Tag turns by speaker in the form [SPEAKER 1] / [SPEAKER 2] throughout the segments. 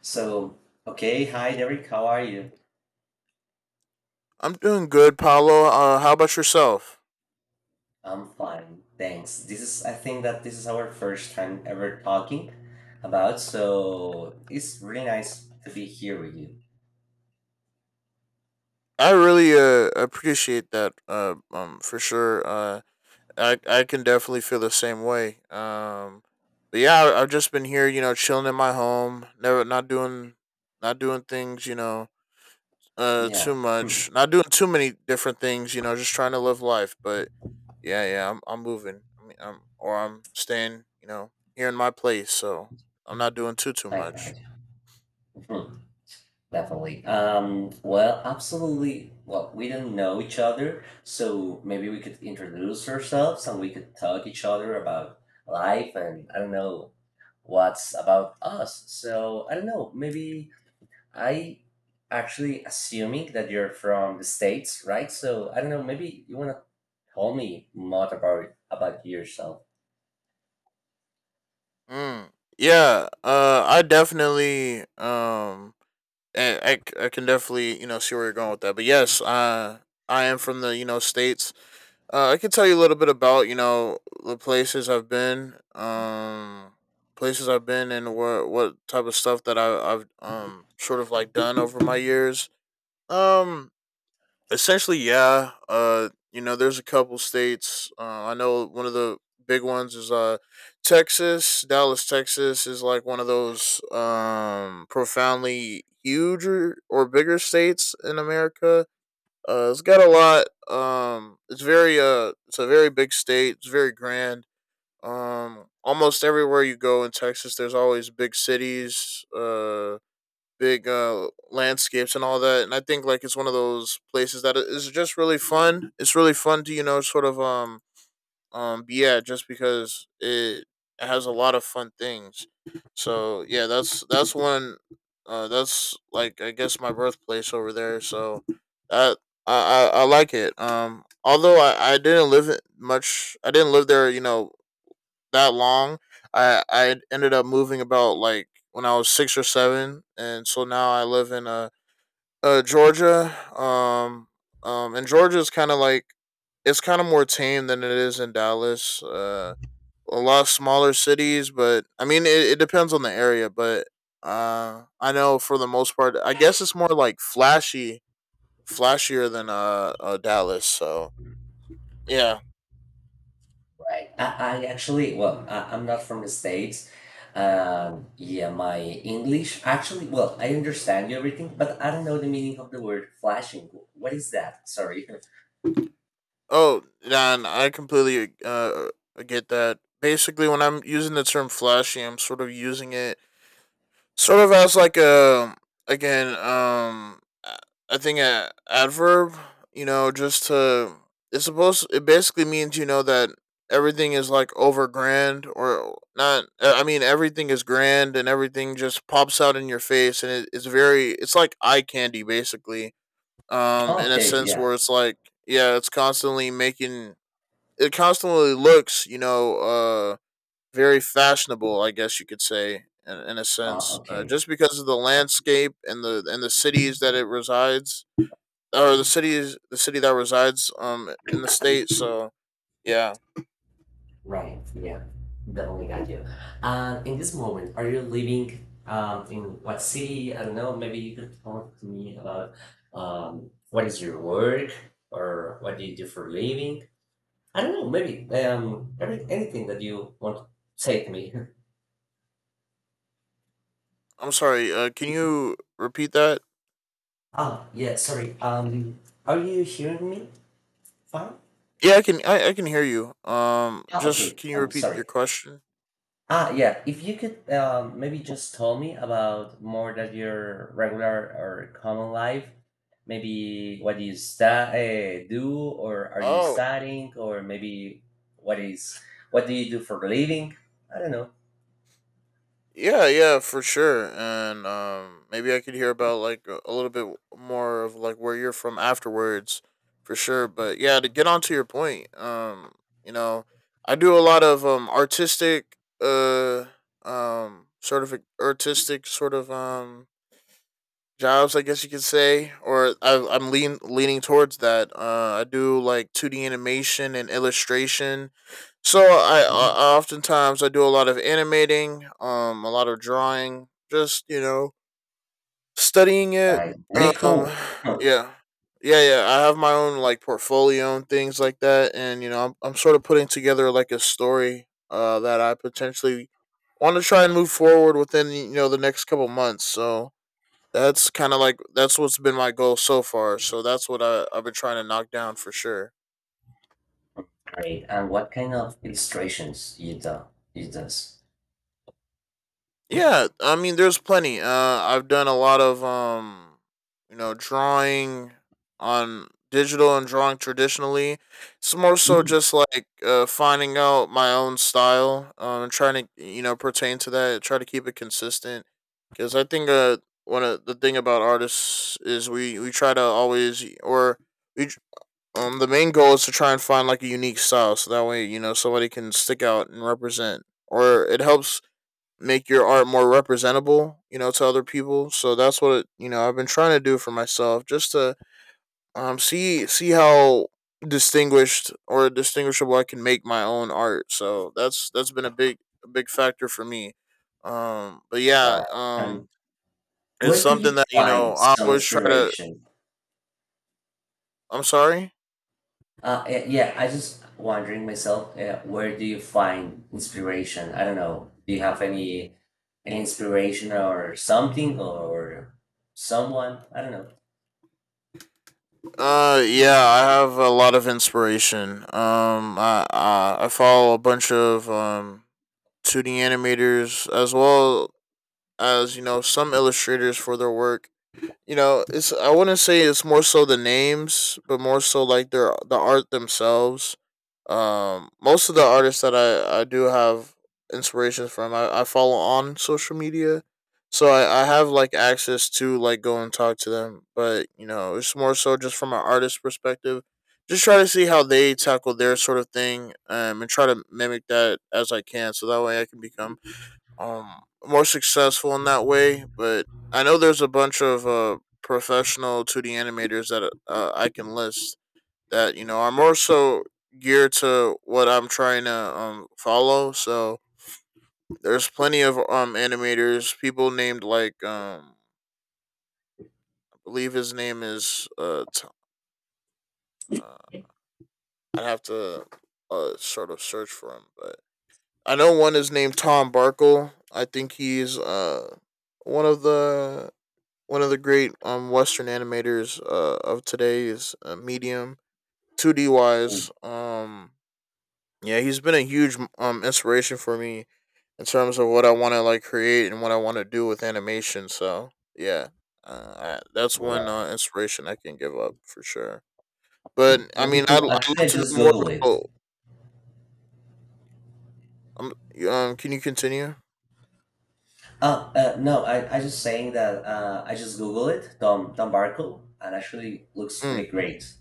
[SPEAKER 1] So, okay, hi Derek, how are you?
[SPEAKER 2] I'm doing good, Paolo. How about yourself?
[SPEAKER 1] I'm fine, thanks. This is, I think that this is our first time ever talking about, so it's really nice to be here with you.
[SPEAKER 2] I really appreciate that. For sure. I can definitely feel the same way. But yeah, I've just been here, you know, chilling in my home, never not doing things, you know,
[SPEAKER 1] Yeah.
[SPEAKER 2] too
[SPEAKER 1] Hmm.
[SPEAKER 2] much, not doing too many different things, you know, just trying to live life. But yeah, I'm moving. I mean, I'm or I'm staying, you know, here in my place, so I'm not doing too
[SPEAKER 1] I
[SPEAKER 2] much.
[SPEAKER 1] cried. Hmm. Definitely. Absolutely. Well, we don't know each other, so maybe we could introduce ourselves and we could talk each other about life, and I don't know what's about us. So, I don't know, maybe. I actually assuming that you're from the States, right? So I don't know, maybe you wanna tell me more about yourself,
[SPEAKER 2] Mm. Yeah. I definitely I can definitely, you know, see where you're going with that. But yes, I am from the, you know, states. I can tell you a little bit about, you know, the places I've been, and what type of stuff that I've sort of like done over my years. Um, Essentially, yeah. You know, there's a couple states. I know one of the big ones is Texas. Dallas, Texas, is like one of those profoundly huge or bigger states in America. It's got a lot. It's very it's a very big state. It's very grand. Almost everywhere you go in Texas, there's always big cities. Big landscapes and all that. And I think like it's one of those places that is just really fun. It's really fun to, you know, sort of be at, just because it has a lot of fun things. So yeah, that's one. That's like, I guess, my birthplace over there. So that, I like it. Um, although I didn't live it much, I didn't live there, you know, that long. I ended up moving about like when I was six or seven, and so now I live in Georgia. And Georgia is kind of like, it's kind of more tame than it is in Dallas. A lot of smaller cities, but I mean, it depends on the area. But I know for the most part, I guess it's more like flashier than Dallas. So yeah.
[SPEAKER 1] right? I actually, well, I'm not from the States. Yeah, my English actually, well, I understand everything, but I don't know the meaning of the word flashing. What is that? Sorry.
[SPEAKER 2] Oh, Dan, I completely get that. Basically, when I'm using the term flashy, I'm sort of using it as like a, again um, I think a adverb. You know, just to, it basically means, you know, that everything is like over grand or not. Uh, I mean, everything is grand and everything just pops out in your face, and it's very, it's like eye candy basically, um,
[SPEAKER 1] Oh,
[SPEAKER 2] in a
[SPEAKER 1] okay,
[SPEAKER 2] sense
[SPEAKER 1] yeah.
[SPEAKER 2] where it's like, yeah, it's constantly making, it constantly looks, you know, very fashionable, I guess you could say, in a sense,
[SPEAKER 1] Okay.
[SPEAKER 2] just because of the landscape and the cities that it resides, or the city that resides um in the state. So yeah.
[SPEAKER 1] Right, yeah, definitely got you. In this moment, are you living in what city? I don't know, maybe you could talk to me about what is your work or what do you do for a living? I don't know, maybe every, anything that you want to say to me.
[SPEAKER 2] I'm sorry. Can you repeat that?
[SPEAKER 1] Oh, yeah, sorry. Are you hearing me fine?
[SPEAKER 2] Yeah, I can. I can hear you.
[SPEAKER 1] Oh,
[SPEAKER 2] Just
[SPEAKER 1] okay,
[SPEAKER 2] can you
[SPEAKER 1] I'm
[SPEAKER 2] repeat
[SPEAKER 1] sorry.
[SPEAKER 2] your question?
[SPEAKER 1] Ah, yeah. If you could maybe just tell me about more that your regular or common life, maybe what you sta do, or are you
[SPEAKER 2] Oh,
[SPEAKER 1] studying, or maybe what is what do you do for a living? I don't know.
[SPEAKER 2] yeah, yeah, for sure. And maybe I could hear about like a little bit more of like where you're from afterwards for sure. But yeah, to get on to your point, you know, I do a lot of artistic sort of like artistic sort of jobs, I guess you could say, or I'm leaning towards that. Uh, I do like 2D animation and illustration. So I oftentimes I do a lot of animating, a lot of drawing, just, you know, studying it.
[SPEAKER 1] Right. Really
[SPEAKER 2] Um,
[SPEAKER 1] cool. Oh,
[SPEAKER 2] yeah, yeah. I have my own like portfolio and things like that, and you know, I'm sort of putting together like a story, that I potentially want to try and move forward within, you know, the next couple months. So that's kind of like, that's what's been my goal so far. So that's what I've been trying to knock down for sure.
[SPEAKER 1] great. And what kind of illustrations you do you does?
[SPEAKER 2] Yeah, I mean, there's plenty. I've done a lot of you know, drawing on digital and drawing traditionally. It's more so
[SPEAKER 1] Mm.
[SPEAKER 2] just like, finding out my own style. And trying to, you know, pertain to that. Try to keep it consistent, because I think one of the thing about artists is we try to always, we tr- um, the main goal is to try and find like a unique style, so that way, you know, somebody can stick out and represent, or it helps make your art more representable, you know, to other people. So that's what it, you know, I've been trying to do for myself, just to see how distinguished or distinguishable I can make my own art. So that's been a big, a big factor for me. But yeah,
[SPEAKER 1] Right. And
[SPEAKER 2] it's
[SPEAKER 1] where could
[SPEAKER 2] something
[SPEAKER 1] you
[SPEAKER 2] that, you
[SPEAKER 1] find
[SPEAKER 2] know, I
[SPEAKER 1] some
[SPEAKER 2] always try to.
[SPEAKER 1] inspiration?
[SPEAKER 2] I'm sorry.
[SPEAKER 1] Yeah, I just wondering myself, where do you find inspiration? I don't know. Do you have any inspiration or something or someone? I don't know.
[SPEAKER 2] Yeah, I have a lot of inspiration. I follow a bunch of 2D animators, as well as, you know, some illustrators for their work. You know, it's, I wouldn't say it's more so the names, but more so like the art themselves. Most of the artists that I do have inspirations from, I follow on social media, so I have like access to like go and talk to them. But you know, it's more so just from an artist perspective. Just try to see how they tackle their sort of thing, and try to mimic that as I can, so that way I can become um more successful in that way. But I know there's a bunch of professional 2d animators that, I can list, that you know are more so geared to what I'm trying to follow. So there's plenty of animators, people named like, I believe his name is T- uh I'd have to sort of search for him but I know one is named Tom Barkle. I think he's one of the one of the great Western animators of today's medium, two D
[SPEAKER 1] Mm.
[SPEAKER 2] wise. Yeah, he's been a huge inspiration for me in terms of what I want to like create and what I want to do with animation. So yeah, that's one
[SPEAKER 1] Right.
[SPEAKER 2] inspiration I can give up for sure. But I
[SPEAKER 1] Very
[SPEAKER 2] mean,
[SPEAKER 1] cool.
[SPEAKER 2] I'd
[SPEAKER 1] Actually,
[SPEAKER 2] love
[SPEAKER 1] I
[SPEAKER 2] to
[SPEAKER 1] just
[SPEAKER 2] know more
[SPEAKER 1] Google it.
[SPEAKER 2] about. Um, um, can you continue?
[SPEAKER 1] Oh, no, I just saying that I just Google it, Tom Barkle, and actually looks really
[SPEAKER 2] Mm.
[SPEAKER 1] great.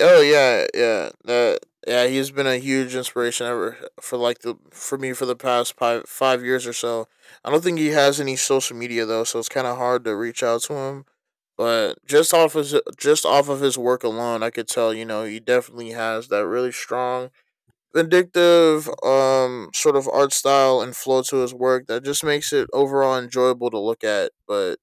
[SPEAKER 2] Oh yeah, yeah. Yeah, he's been a huge inspiration ever for like the for me for the past five five years or so. I don't think he has any social media though, so it's kind of hard to reach out to him. But just off of his work alone, I could tell, you know, he definitely has that really strong, vindictive sort of art style and flow to his work that just makes it overall enjoyable to look at. But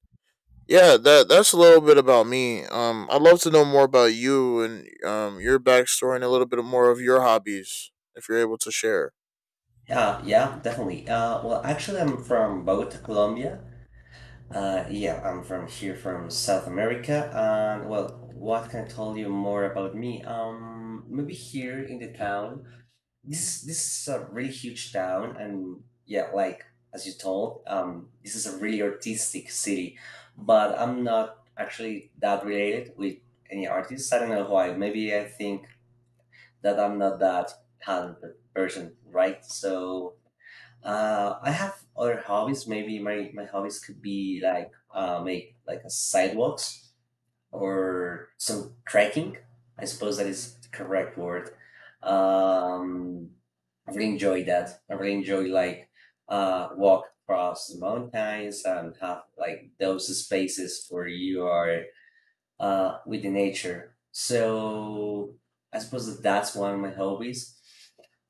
[SPEAKER 2] yeah, that, that's a little bit about me. I'd love to know more about you and your backstory, and a little bit more of your hobbies if you're able to share.
[SPEAKER 1] Yeah, yeah, definitely. Well, actually, I'm from Bogota, Colombia. Yeah, I'm from here from South America. And well, what can I tell you more about me? Maybe here in the town. This is a really huge town, and yeah, like as you told, this is a really artistic city. But I'm not actually that related with any artists. I don't know why. Maybe I think that I'm not that talented person, right? So I have other hobbies. Maybe my hobbies could be like make like a sidewalks or some trekking. I suppose that is the correct word. Um, I really enjoy that. I really enjoy like walk across the mountains and have like those spaces where you are with the nature. So I suppose that that's one of my hobbies.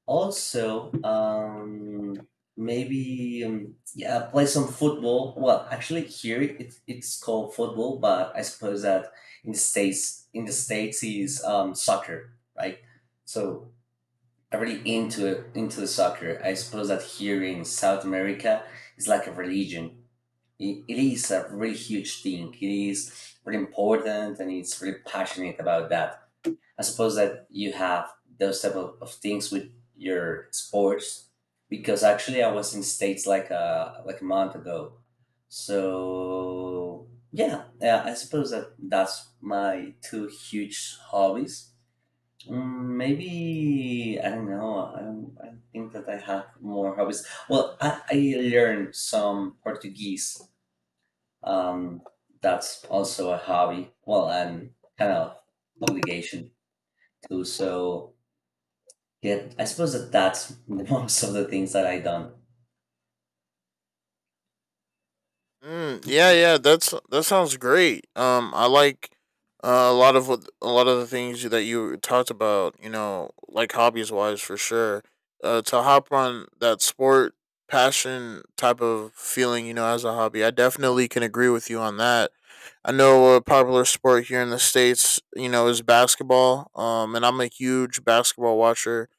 [SPEAKER 1] Also, maybe yeah, play some football. Well, actually, here it's called football, but I suppose that in the states is soccer, right? So I'm really into it, into the soccer. I suppose that here in South America it's like a religion. It is a really huge thing. It is really important and it's really passionate about that. I suppose that you have those type of things with your sports because actually I was in States like a month ago. So yeah, yeah, I suppose that that's my two huge hobbies. Mm. Maybe I don't know. I, don't- I think that I have more hobbies. Well, I learned some Portuguese, um, that's also a hobby. Well, and kind of obligation too. So yeah, I suppose that that's most of the things that I done.
[SPEAKER 2] Mm, yeah, yeah, that's that sounds great. I like, a lot of the things that you talked about. You know, like hobbies wise for sure. To hop on that sport passion type of feeling, you know, as a hobby, I definitely can agree with you on that. I know a popular sport here in the states, you know, is basketball. And I'm a huge basketball watcher.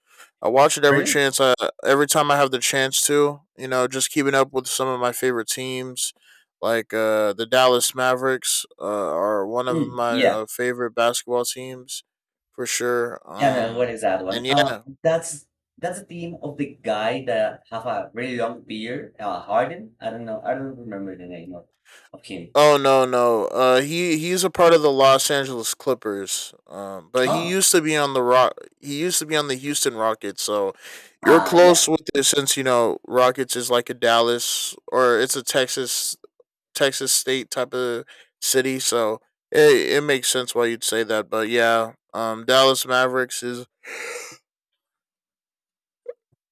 [SPEAKER 2] I watch it every chance I every time I have the chance to. You know, just keeping up with some of my favorite teams, like the Dallas Mavericks, are one of
[SPEAKER 1] Mm,
[SPEAKER 2] my
[SPEAKER 1] yeah,
[SPEAKER 2] favorite basketball teams for sure.
[SPEAKER 1] yeah. No, what is that one?
[SPEAKER 2] And yeah.
[SPEAKER 1] That's the theme of the guy that have a really long beard. Harden. I don't know. I don't remember the name of him.
[SPEAKER 2] Oh no, no. He's a part of the Los Angeles Clippers. But he
[SPEAKER 1] Oh,
[SPEAKER 2] used to be on the rock. He used to be on the Houston Rockets. So you're
[SPEAKER 1] ah, yeah.
[SPEAKER 2] close with this, since you know Rockets is like a Dallas, or it's a Texas, state type of city. So it makes sense why you'd say that. But yeah, Dallas Mavericks is,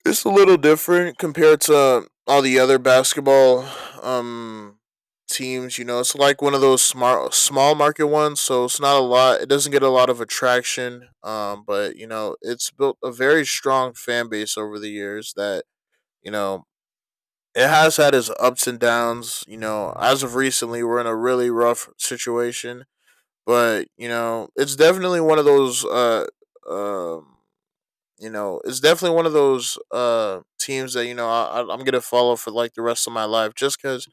[SPEAKER 2] it's a little different compared to all the other basketball um teams, you know. It's like one of those small market ones, so it's not a lot, it doesn't get a lot of attraction. But you know, it's built a very strong fan base over the years that, you know, it has had its ups and downs, you know. As of recently, we're in a really rough situation. But, you know, it's definitely one of those um you know, it's definitely one of those teams that I'm gonna follow for like the rest of my life, just because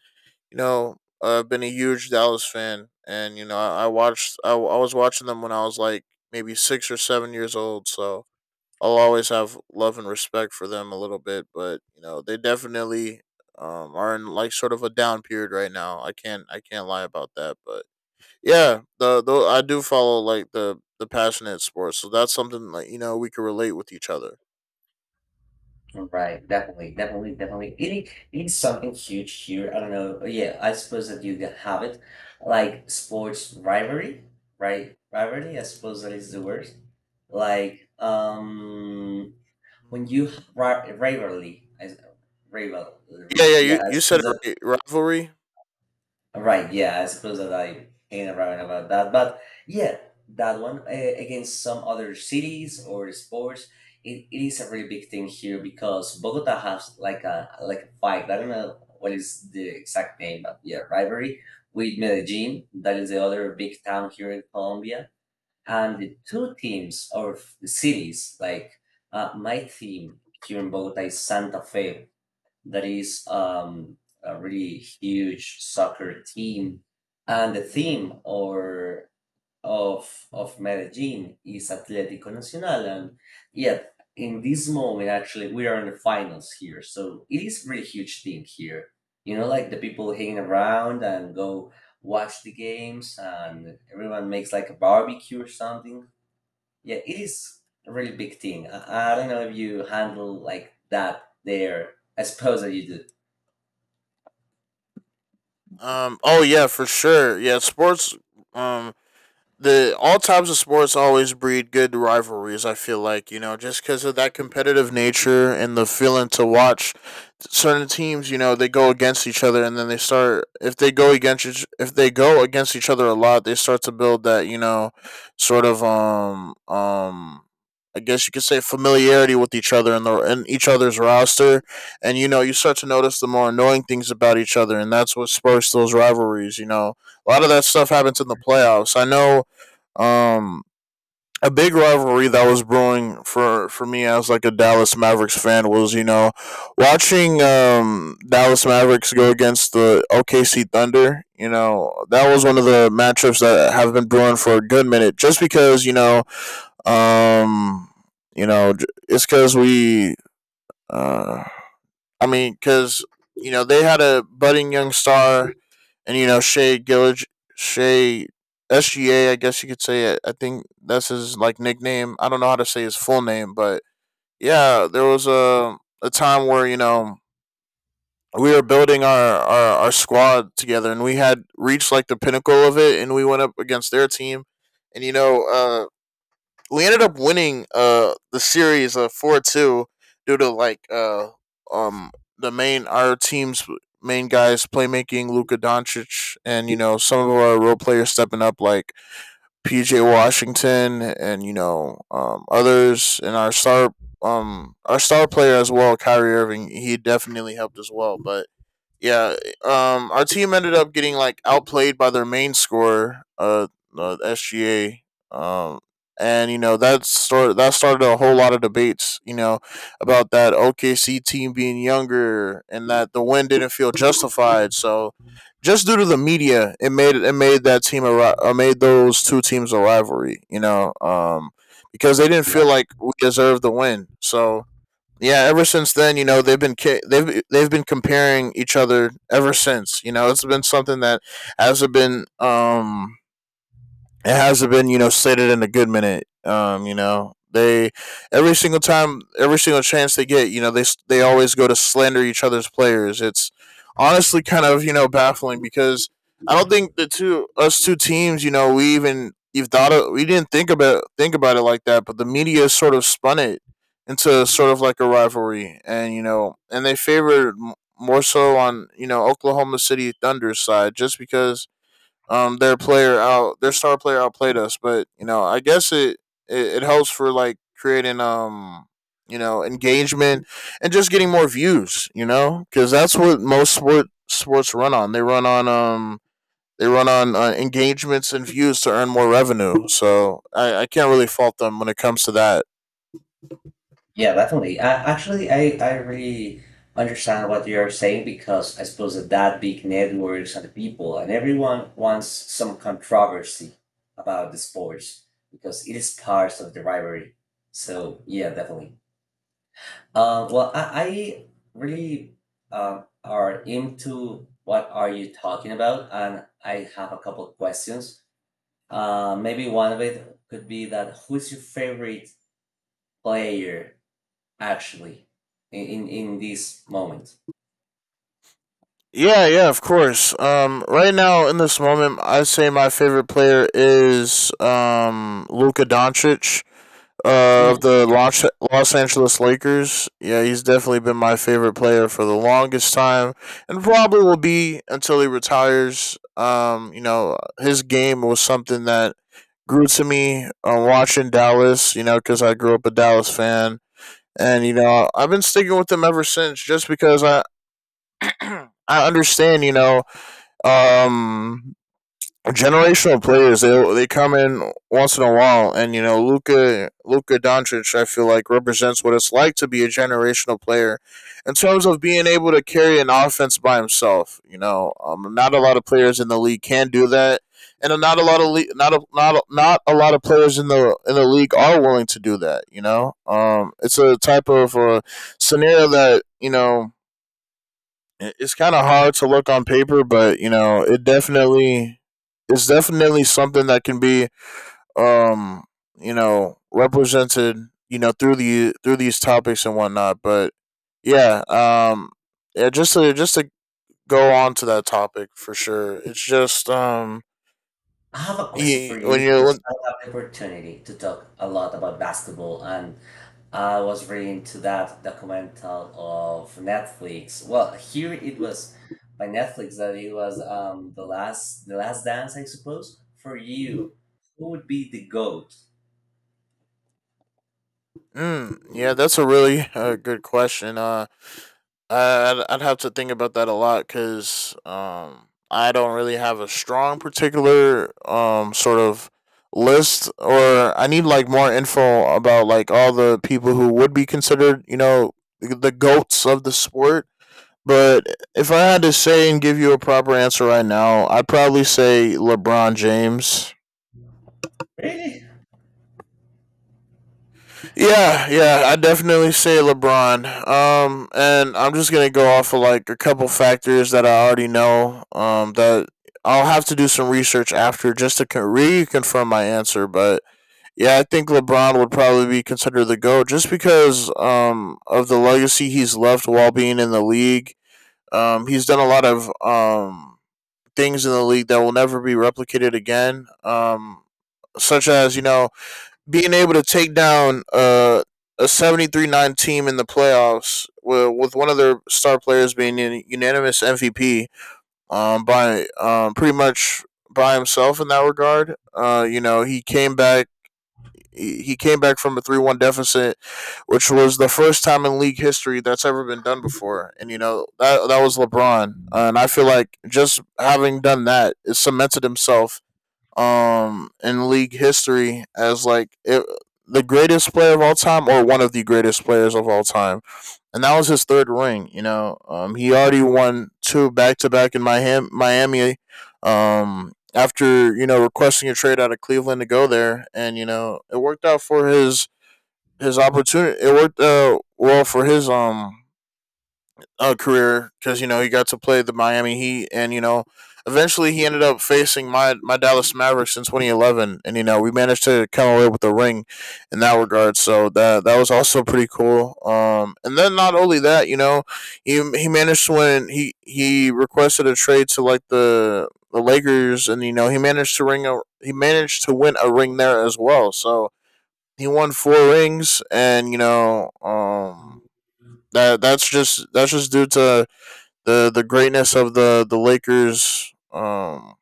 [SPEAKER 2] you know I've been a huge Dallas fan, and I was watching them when I was like maybe 6 or 7 years old, so I'll always have love and respect for them a little bit, but they definitely are in like sort of a down period right now. I can't lie about that, but yeah, the though I do follow like the passionate sports, so that's something like we can relate with each other.
[SPEAKER 1] Right, definitely, definitely, definitely. It's something huge here. I don't know. Oh, yeah, I suppose that you can have it, like sports rivalry, right? Rivalry, I suppose that is the word. Like, when
[SPEAKER 2] Mm.
[SPEAKER 1] you ri rivalry, I s-
[SPEAKER 2] Yeah,
[SPEAKER 1] rivalry,
[SPEAKER 2] yeah,
[SPEAKER 1] Yeah,
[SPEAKER 2] you,
[SPEAKER 1] I
[SPEAKER 2] you said
[SPEAKER 1] suppose.
[SPEAKER 2] it right. Rivalry.
[SPEAKER 1] Right, yeah, I suppose that I ain't around about that, but yeah, that one against some other cities or sports, it is a really big thing here because Bogota has like a fight. I don't know what is the exact name, but yeah, rivalry with Medellin. That is the other big town here in Colombia, and the two teams or cities like my team here in Bogota is Santa Fe, that is a really huge soccer team, and the theme or of Medellin is Atlético Nacional, and yet in this moment actually we are in the finals here, so it is really huge thing here. You know, like the people hanging around and go watch the games, and everyone makes like a barbecue or something. Yeah, it is a really big thing. I don't know if you handle like that there. I suppose that you do.
[SPEAKER 2] Oh yeah, for sure. Yeah, sports. Um. The all types of sports always breed good rivalries. I feel like just because of that competitive nature and the feeling to watch certain teams. They go against each other and then they start if they go against each other a lot, they start to build that sort of. I guess you could say familiarity with each other and the in each other's roster, and you start to notice the more annoying things about each other, and that's what spurs those rivalries. A lot of that stuff happens in the playoffs. I know um, a big rivalry that was brewing for me as like a Dallas Mavericks fan was watching Dallas Mavericks go against the OKC Thunder. That was one of the matchups that have been brewing for a good minute, just because um you know it's because we uh I mean because they had a budding young star and you know Shea Gillig, Shea SGA, I guess you could say. It. I think that's his like nickname. I don't know how to say his full name, but yeah, there was a time where we were building our squad together, and we had reached like the pinnacle of it, and we went up against their team, and we ended up winning the series 4-2 due to like um the main our team's main guys playmaking Luka Doncic and some of our role players stepping up like PJ Washington and others and our star player as well Kyrie Irving he definitely helped as well but yeah, our team ended up getting like outplayed by their main scorer, SGA. Um, and that started a whole lot of debates, about that OKC team being younger and that the win didn't feel justified. So, just due to the media, it made those two teams a rivalry, because they didn't
[SPEAKER 1] Yeah,
[SPEAKER 2] feel like we deserved the win. So, yeah, ever since then, they've been comparing each other ever since. It's been something that hasn't been um hasn't been slated in a good minute. You know they every single time, every single chance they get, they always go to slander each other's players. It's honestly kind of baffling because I don't think the two us two teams, you know, we even you've thought of, we didn't think about it like that, but the media sort of spun it into sort of like a rivalry, and they favored more so on Oklahoma City Thunder's side just because their star player outplayed us. But I guess it helps for like creating engagement and just getting more views. Because that's what most sports run on. They run on engagements and views to earn more revenue. So I can't really fault them when it comes to that.
[SPEAKER 1] yeah, definitely. I, actually, I really understand what you're saying because I suppose that big networks and the people and everyone wants some controversy about the sports because it is part of the rivalry. So yeah, definitely. Well, I really are into what are you talking about, and I have a couple of questions. Maybe one of it could be that who's your favorite player actually in in, this moment.
[SPEAKER 2] Yeah, yeah, of course. Right now in this moment, I say my favorite player is Luka Doncic, of
[SPEAKER 1] Mm,
[SPEAKER 2] the
[SPEAKER 1] yeah.
[SPEAKER 2] Los Angeles Lakers. Yeah, he's definitely been my favorite player for the longest time, and probably will be until he retires. His game was something that grew to me, watching Dallas. Because I grew up a Dallas fan, and I've been sticking with them ever since, just because I. I understand, um, generational players. They come in once in a while, and Luka Doncic. I feel like represents what it's like to be a generational player in terms of being able to carry an offense by himself. Not a lot of players in the league can do that, and not a lot of not a lot of players in the league are willing to do that. It's a type of scenario that it's kind of hard to look on paper, but it's definitely something that can be um represented through these topics and whatnot. But yeah, yeah, just to go on to that topic for sure. It's just
[SPEAKER 1] I have a question for
[SPEAKER 2] y- when
[SPEAKER 1] you
[SPEAKER 2] you
[SPEAKER 1] because
[SPEAKER 2] when,
[SPEAKER 1] I have the opportunity to talk a lot about basketball, and I was reading to that documental of Netflix. Well, here it was by Netflix that it was the last dance, I suppose, for you. Who would be the goat?
[SPEAKER 2] Mm, yeah, that's a really good question. I'd have to think about that a lot because I don't really have a strong particular sort of list or I need like more info about like all the people who would be considered, the goats of the sport. But if I had to say and give you a proper answer right now, I'd probably say LeBron James.
[SPEAKER 1] Really?
[SPEAKER 2] Yeah, yeah, I definitely say LeBron. And I'm just gonna go off of like a couple factors that I already know. That I'll have to do some research after just to reconfirm my answer. But yeah, I think LeBron would probably be considered the goat just because of the legacy he's left while being in the league. He's done a lot of things in the league that will never be replicated again. Such as being able to take down a 73-9 team in the playoffs with one of their star players being a unanimous MVP, by pretty much by himself in that regard. He came back from a 3-1 deficit, which was the first time in league history that's ever been done before. And that was LeBron. And I feel like just having done that, it cemented himself in league history as like the greatest player of all time or one of the greatest players of all time. And that was his third ring. He already won two back to back in Miami after, requesting a trade out of Cleveland to go there and it worked well for his career because he got to play the Miami Heat, and eventually he ended up facing my Dallas Mavericks in 2011, and we managed to come away with a ring in that regard. So that was also pretty cool. And then not only that, he managed to win. He requested a trade to like the Lakers, and he managed to win a ring there as well. So he won four rings, and you know. That's just due to the greatness of the Lakers um,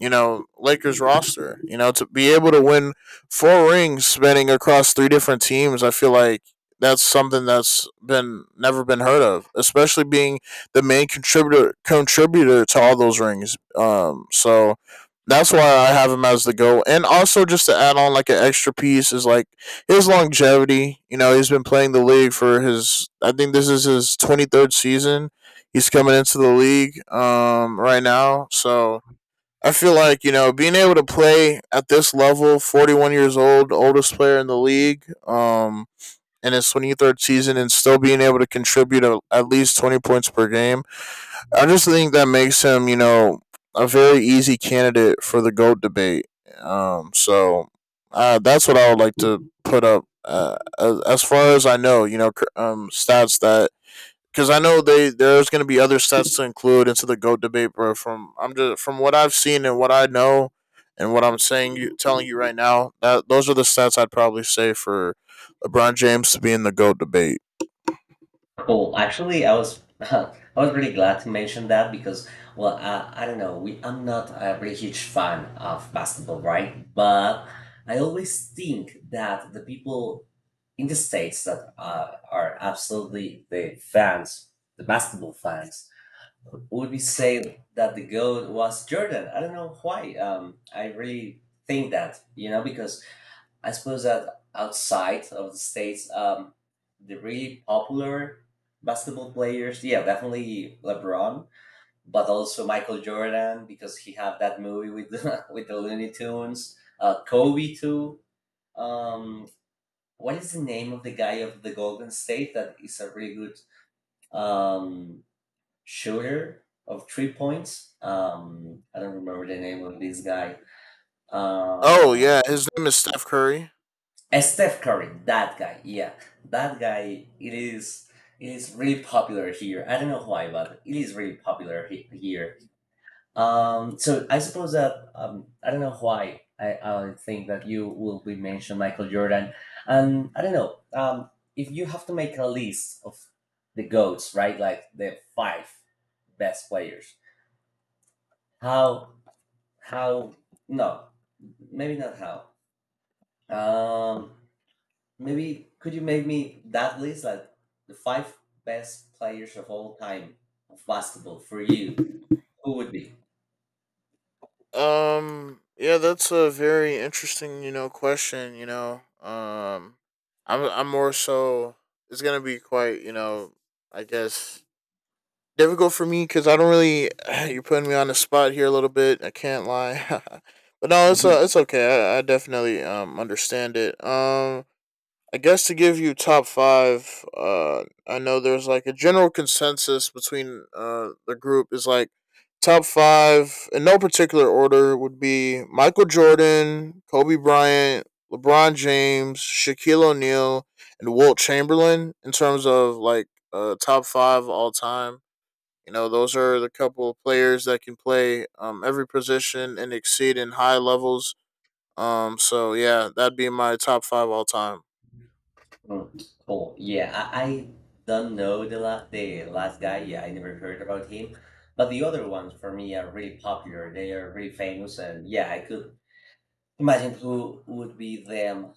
[SPEAKER 2] you know, Lakers roster. To be able to win four rings spanning across three different teams, I feel like that's something that's been never been heard of, especially being the main contributor to all those rings. So that's why I have him as the go. And also just to add on like an extra piece is like his longevity. He's been playing the league for his I think this is his 23rd season. He's coming into the league right now. So I feel like being able to play at this level, 41 years old, oldest player in the league, in his 23rd season, and still being able to contribute at least 20 points per game. I just think that makes him, a very easy candidate for the goat debate. So, that's what I would like to put up. As far as I know, stats that because I know they there's going to be other sets to include into the goat debate, bro. From I'm just from what I've seen and what I know, and what I'm saying you telling you right now that those are the stats I'd probably say for LeBron James to be in the goat debate.
[SPEAKER 1] Cool. Actually, I was I was really glad to mention that because, well, I don't know. We I'm not a really huge fan of basketball, right? But I always think that the people in the States that are absolutely the fans, the basketball fans, would be saying that the GOAT was Jordan. I don't know why. I really think that, you know, because I suppose that outside of the states, the really popular basketball players, yeah, definitely LeBron, but also Michael Jordan because he had that movie with the, with the Looney Tunes. Kobe too. Um, what is the name of the guy of the Golden State that is a really good um, shooter of 3 points? I don't remember the name of this guy.
[SPEAKER 2] Oh
[SPEAKER 1] Um,
[SPEAKER 2] yeah, his name is Steph Curry.
[SPEAKER 1] Steph Curry, that guy, yeah, that guy. It is really popular here. I don't know why, but it is really popular here. So I suppose that I don't know why I think that you will be mentioned Michael Jordan, and I don't know if you have to make a list of the goats, right? Like the five best players. How how no, maybe not how. Um, Maybe could you make me that list like the five best players of all time of basketball for you? Who would be?
[SPEAKER 2] Yeah, that's a very interesting question. I'm more so it's gonna be quite I guess difficult for me because I don't really. You're putting me on the spot here a little bit. I can't lie, but no,
[SPEAKER 1] Mhm.
[SPEAKER 2] it's okay. I definitely understand it. I guess to give you top five. I know there's like a general consensus between the group is like top five in no particular order would be Michael Jordan, Kobe Bryant, LeBron James, Shaquille O'Neal, and Walt Chamberlain in terms of like top five all time, those are the couple of players that can play every position and exceed in high levels. So yeah, that'd be my top five all time.
[SPEAKER 1] Mm. Cool. Yeah, I don't know the last guy. Yeah, I never heard about him. But the other ones for me are really popular. They are really famous, and yeah, I could imagine who would be them.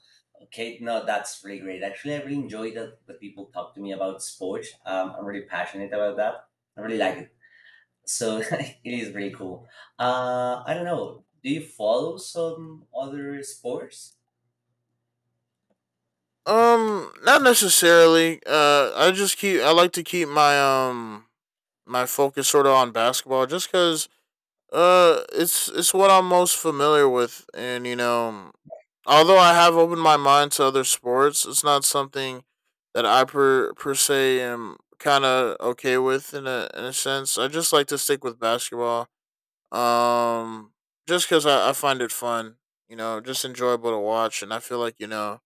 [SPEAKER 1] Kate, no, that's really great. Actually, I really enjoy that people talk to me about sports. I'm really passionate about that. I really like it. So it is really cool. I don't know. Do you follow some other sports?
[SPEAKER 2] Not necessarily. Uh, I like to keep my my focus sort of on basketball just because it's what I'm most familiar with, and although I have opened my mind to other sports, it's not something that I per se am kind of okay with in a sense. I just like to stick with basketball, um, just because I find it fun. You know, just enjoyable to watch, and I feel like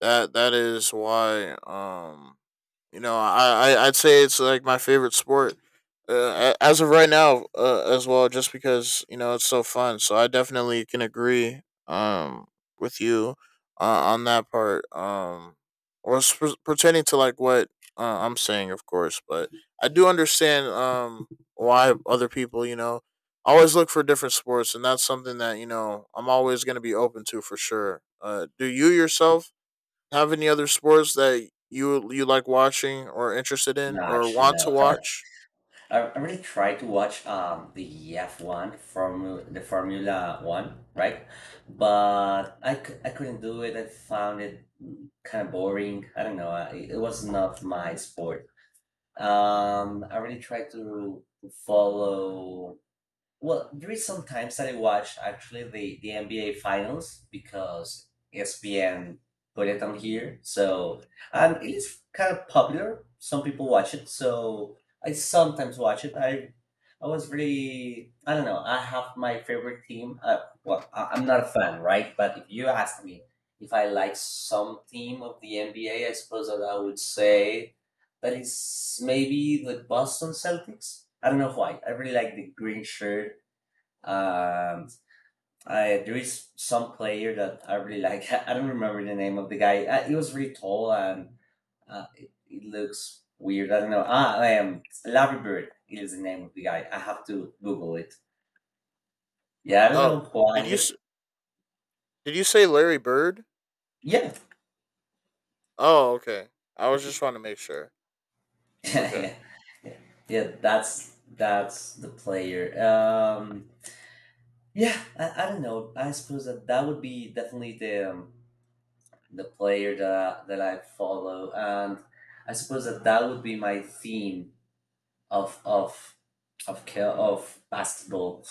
[SPEAKER 2] that is why you know, I'd say it's like my favorite sport as of right now as well, just because you know it's so fun. So I definitely can agree um with you on that part. Or pertaining to like what I'm saying, of course, but I do understand why other people you know always look for different sports, and that's something that you know I'm always going to be open to for sure. Do you yourself have any other sports that you like watching or interested in
[SPEAKER 1] No,
[SPEAKER 2] or
[SPEAKER 1] actually,
[SPEAKER 2] want
[SPEAKER 1] no.
[SPEAKER 2] to watch?
[SPEAKER 1] I really try to watch the F1 from the Formula One, right? But I couldn't do it. I found it kind of boring. I don't know. It was not my sport. I really try to follow. Well, there is some times that I watch actually the NBA finals because ESPN put it on here. So, and it is kind of popular. Some people watch it, so I sometimes watch it. I was really I don't know. I have my favorite team. Well, I'm not a fan, right? But if you ask me if I like some team of the NBA, I suppose that I would say that is maybe the Boston Celtics. I don't know why. I really like the green shirt. Um, I, there is some player that I really like. I don't remember the name of the guy. He was really tall and it looks weird. I don't know. Ah, Larry Bird is the name of the guy. I have to Google it. Yeah, I don't
[SPEAKER 2] Oh,
[SPEAKER 1] know
[SPEAKER 2] did you
[SPEAKER 1] why.
[SPEAKER 2] s- did you say Larry Bird?
[SPEAKER 1] Yeah,
[SPEAKER 2] Oh, okay. I was just trying to make sure.
[SPEAKER 1] yeah,
[SPEAKER 2] Okay.
[SPEAKER 1] yeah, yeah. Yeah, that's the player. Yeah, I don't know. I suppose that that would be definitely the the player that I follow, and I suppose that that would be my theme of of of of basketball.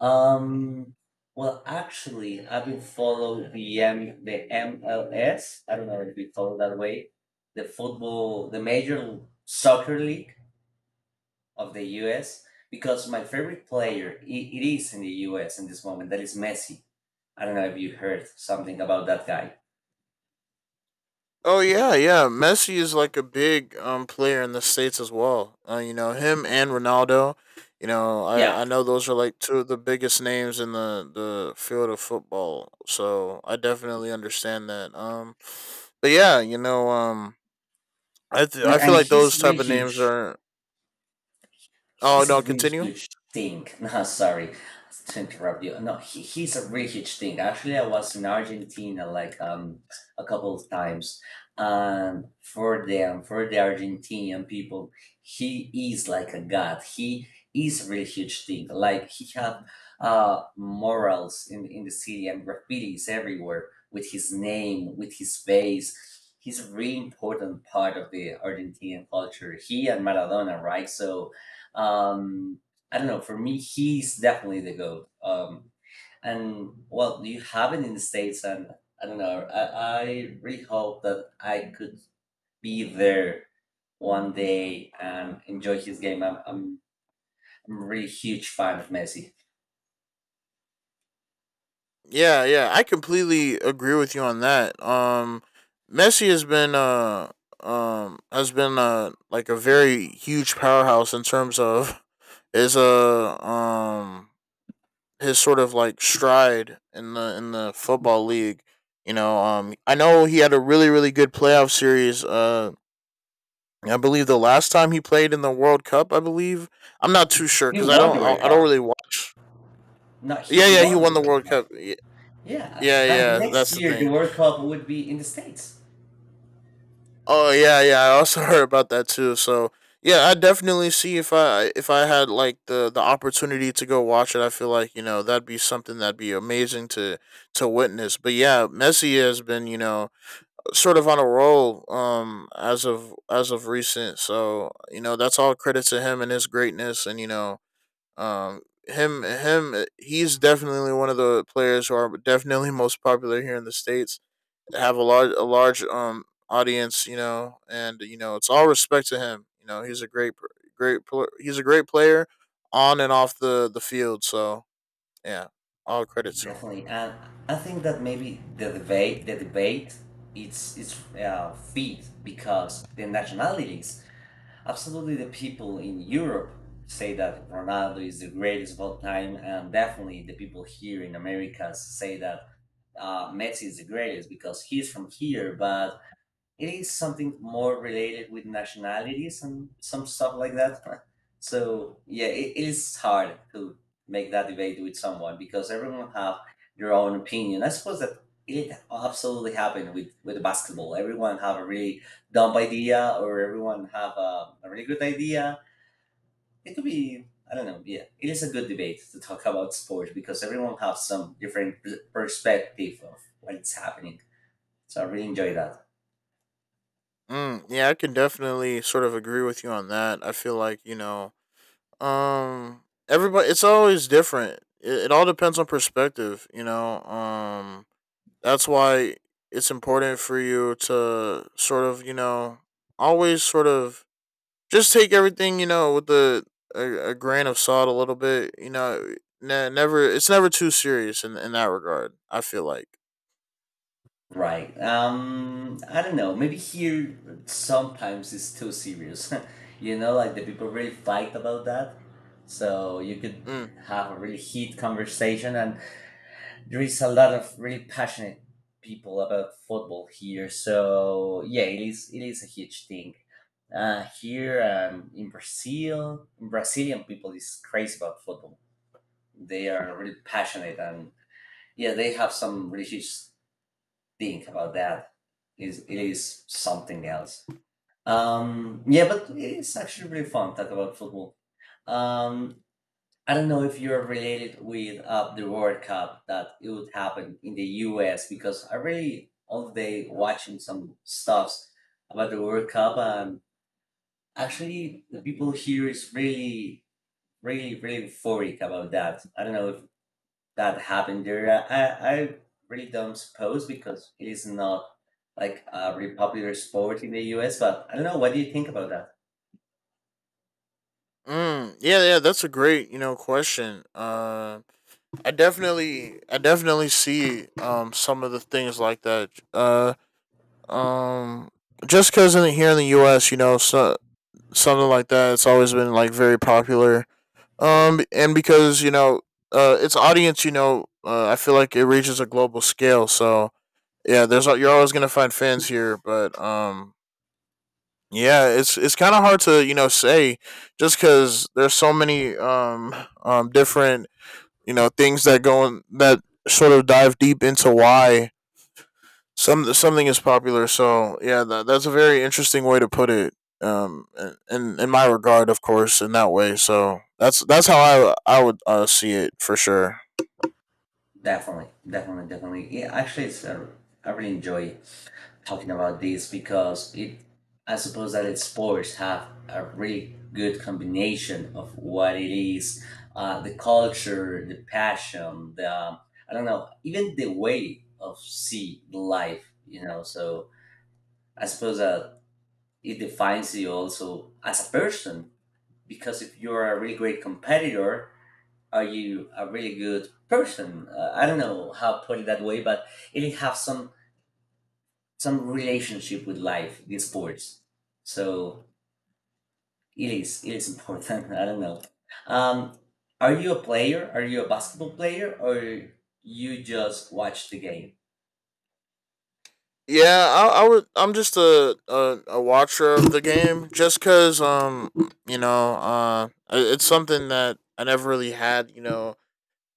[SPEAKER 1] Um, actually, I've been follow the M the MLS. I don't know if we follow that way, the football, the major soccer league of the U.S. Because my favorite player, it is in the U.S. in this moment. That is Messi. I don't know if you heard something about that guy.
[SPEAKER 2] Oh yeah, yeah. Messi is like a big player in the states as well. You know him and Ronaldo. You know
[SPEAKER 1] Yeah.
[SPEAKER 2] I know those are like two of the biggest names in the field of football. So I definitely understand that. But yeah,
[SPEAKER 1] No,
[SPEAKER 2] I feel
[SPEAKER 1] and
[SPEAKER 2] like
[SPEAKER 1] he's a
[SPEAKER 2] those
[SPEAKER 1] really
[SPEAKER 2] type of names
[SPEAKER 1] huge.
[SPEAKER 2] are. Oh
[SPEAKER 1] He's
[SPEAKER 2] no,
[SPEAKER 1] a really
[SPEAKER 2] continue.
[SPEAKER 1] huge thing. No, sorry to interrupt you. No, he's a really huge thing. Actually, I was in Argentina like a couple of times. For them, for the Argentinian people, he is like a god. He is a really huge thing. Like he have morals in the city and graffitis everywhere with his name, with his face. He's a really important part of the Argentinian culture. He and Maradona, right? So, um, I don't know. For me, he's definitely the goat. And well, you have it in the states, and I don't know. I really hope that I could be there one day and enjoy his game. I'm a really huge fan of Messi.
[SPEAKER 2] Yeah, yeah, I completely agree with you on that. Messi has been like a very huge powerhouse in terms of his uh um his sort of like stride in the football league. You know, I know he had a really really good playoff series. I believe the last time he played in the World Cup, I believe I'm not too sure
[SPEAKER 1] He
[SPEAKER 2] because
[SPEAKER 1] won the World
[SPEAKER 2] I don't
[SPEAKER 1] Cup.
[SPEAKER 2] really watch.
[SPEAKER 1] No, he
[SPEAKER 2] Yeah, yeah, he
[SPEAKER 1] won the
[SPEAKER 2] won the
[SPEAKER 1] World
[SPEAKER 2] World
[SPEAKER 1] Cup.
[SPEAKER 2] Cup, yeah.
[SPEAKER 1] Yeah,
[SPEAKER 2] Yeah,
[SPEAKER 1] and
[SPEAKER 2] yeah,
[SPEAKER 1] next
[SPEAKER 2] that's the
[SPEAKER 1] year the
[SPEAKER 2] thing.
[SPEAKER 1] World Cup would be in the states.
[SPEAKER 2] Oh, yeah, yeah. I also heard about that too. So yeah, I definitely see if I had like the opportunity to go watch it. I feel like you know that'd be something that'd be amazing to witness. But yeah, Messi has been you know sort of on a roll as of recent. So you know that's all credit to him and his greatness, and you know um him him he's definitely one of the players who are definitely most popular here in the states, have a large audience, you know, and you know it's all respect to him. You know, he's a great great he's a great player on and off the field. So yeah, all credit to him.
[SPEAKER 1] Definitely, and I think that maybe the debate, it's feed because the nationalities. Absolutely, the people in Europe say that Ronaldo is the greatest of all time, and definitely the people here in America say that Messi is the greatest because he's from here, but it is something more related with nationalities and some stuff like that. So yeah, it is hard to make that debate with someone because everyone have their own opinion. I suppose that it absolutely happened with basketball. Everyone have a really dumb idea or everyone have a really good idea. It could be I don't know. Yeah, it is a good debate to talk about sports because everyone has some different perspective of what's happening. So I really enjoy that.
[SPEAKER 2] Mm, yeah, I can definitely sort of agree with you on that. I feel like you know, um, everybody it's always different. It all depends on perspective. You know, that's why it's important for you to sort of you know always sort of just take everything you know with the a grain of salt a little bit. You know, never it's never too serious in that regard, I feel like.
[SPEAKER 1] Right. I don't know. Maybe here sometimes it's too serious. You know, like the people really fight about that. So you could
[SPEAKER 2] Mm.
[SPEAKER 1] have a really heated conversation, and there is a lot of really passionate people about football here. So yeah, it is a huge thing. Here in Brazil, Brazilian people is crazy about football. They are really passionate,
[SPEAKER 2] Mm,
[SPEAKER 1] and yeah, they have some really huge think about that. Is it is something else. Yeah, but it is actually really fun talk about football. Um, I don't know if you're related with the World Cup that it would happen in the U.S. because I really all day watching some stuffs about the World Cup and actually the people here is really, really, really euphoric about that. I don't know if that happened there. I really don't suppose because it is not like a really popular sport in the US, but I don't know. What do you think about that?
[SPEAKER 2] mm. Yeah, yeah, that's a great, you know, question. I definitely see some of the things like that. Um, just because in here in the U.S., you know, so, something like that, it's always been like very popular and because you know, its audience, you know, I feel like it reaches a global scale. So yeah, you're always gonna find fans here, but yeah, it's kind of hard to you know say just because there's so many different you know things that go in, that sort of dive deep into why something is popular, so yeah, that's a very interesting way to put it. Um, in my regard, of course, in that way. So that's how I would see it for sure.
[SPEAKER 1] Definitely, definitely, definitely. Yeah, actually, it's a, I really enjoy talking about this because it, I suppose that it's sports have a really good combination of what it is, the culture, the passion, the I don't know, even the way of see life. You know, so I suppose that it defines you also as a person because if you're a really great competitor are you a really good person? I don't know how to put it that way, but it has some relationship with life in sports, so it is important. I don't know. um are you a player? Are you a basketball player or you just watch the game?
[SPEAKER 2] Yeah, I would. I'm just a watcher of the game, just cause you know it's something that I never really had. You know,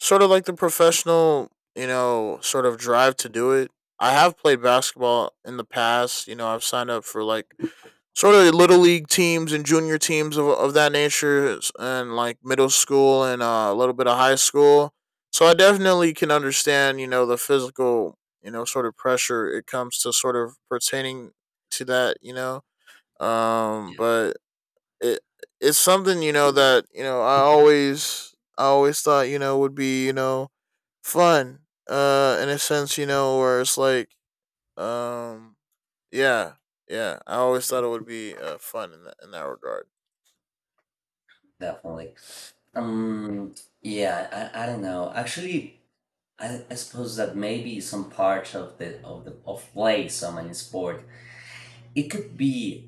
[SPEAKER 2] sort of like the professional you know sort of drive to do it. I have played basketball in the past. You know, I've signed up for like sort of little league teams and junior teams of that nature and like middle school and a little bit of high school. So I definitely can understand you know the physical you know sort of pressure it comes to sort of pertaining to that you know um.
[SPEAKER 1] Yeah,
[SPEAKER 2] But it it's something you know that you know I always thought you know would be you know fun in a sense you know where it's like um yeah, yeah. I always thought it would be fun in that regard.
[SPEAKER 1] definitely. um yeah, I don't know actually. I suppose that maybe some part of the of the of playing someone in sport it could be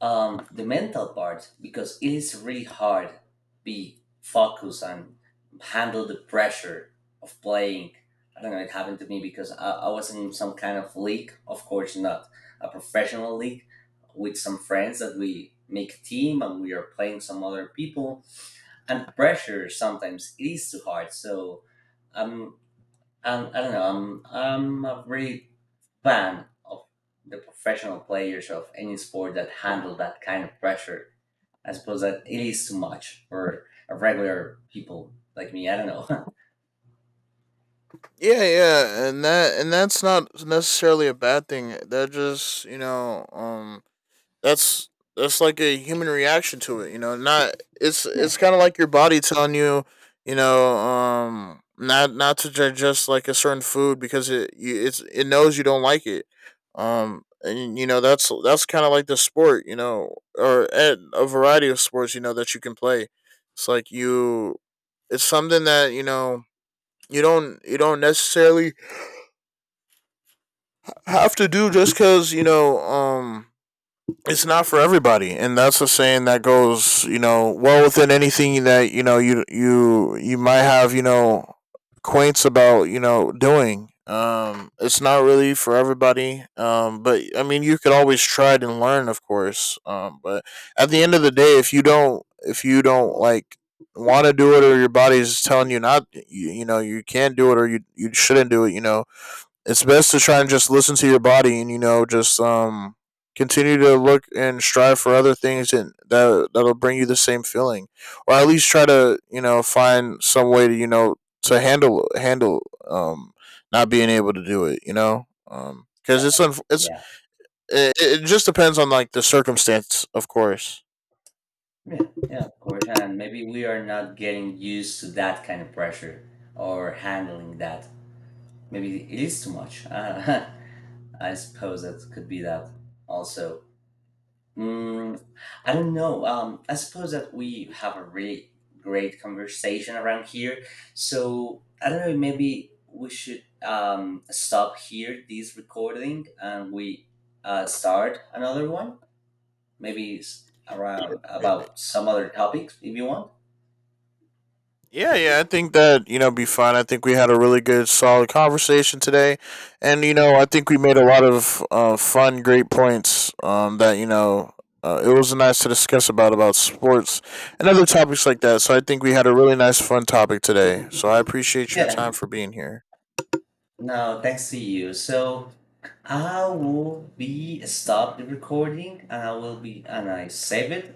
[SPEAKER 1] the mental part because it is really hard be focused and handle the pressure of playing. I don't know. It happened to me because I was in some kind of league. Of course, not a professional league with some friends that we make a team and we are playing some other people, and pressure sometimes it is too hard. So um, um, I don't know. I'm a really fan of the professional players of any sport that handle that kind of pressure. I suppose that it is too much for a regular people like me. I don't know.
[SPEAKER 2] Yeah, yeah, and that and that's not necessarily a bad thing. That just you know, that's that's like a human reaction to it, you know, not
[SPEAKER 1] Yeah,
[SPEAKER 2] it's kind of like your body telling you you know not to digest like a certain food because it it's it knows you don't like it and you know that's kind of like the sport you know or at a variety of sports you know that you can play. It's like you it's something that you know you don't necessarily have to do just because you know it's not for everybody, and that's a saying that goes you know well within anything that you know you might have you know quaints about you know doing um. It's not really for everybody um, but I mean you could always try it and learn of course um, but at the end of the day, if you don't like want to do it, or your body's telling you not you know you can't do it, or you shouldn't do it, you know it's best to try and just listen to your body and you know just continue to look and strive for other things, and that'll bring you the same feeling, or at least try to you know find some way to you know to handle not being able to do it you know because
[SPEAKER 1] definitely.
[SPEAKER 2] it's,
[SPEAKER 1] Yeah,
[SPEAKER 2] it just depends on like the circumstance of course.
[SPEAKER 1] yeah, yeah. Of course, and maybe we are not getting used to that kind of pressure or handling that. Maybe it is too much. I suppose that could be that also. Mm, I don't know. I suppose that we have a really great conversation around here. So I don't know. Maybe we should stop here this recording and we start another one. Maybe around about some other topics if you want.
[SPEAKER 2] Yeah, yeah, I think that, you know, be fine. I think we had a really good, solid conversation today. And, you know, I think we made a lot of fun, great points that, you know, it was nice to discuss about sports and other topics like that. So I think we had a really nice, fun topic today. So I appreciate your
[SPEAKER 1] Yeah.
[SPEAKER 2] time for being here.
[SPEAKER 1] No, thanks to you. So I will be stop the recording and I will be and I save it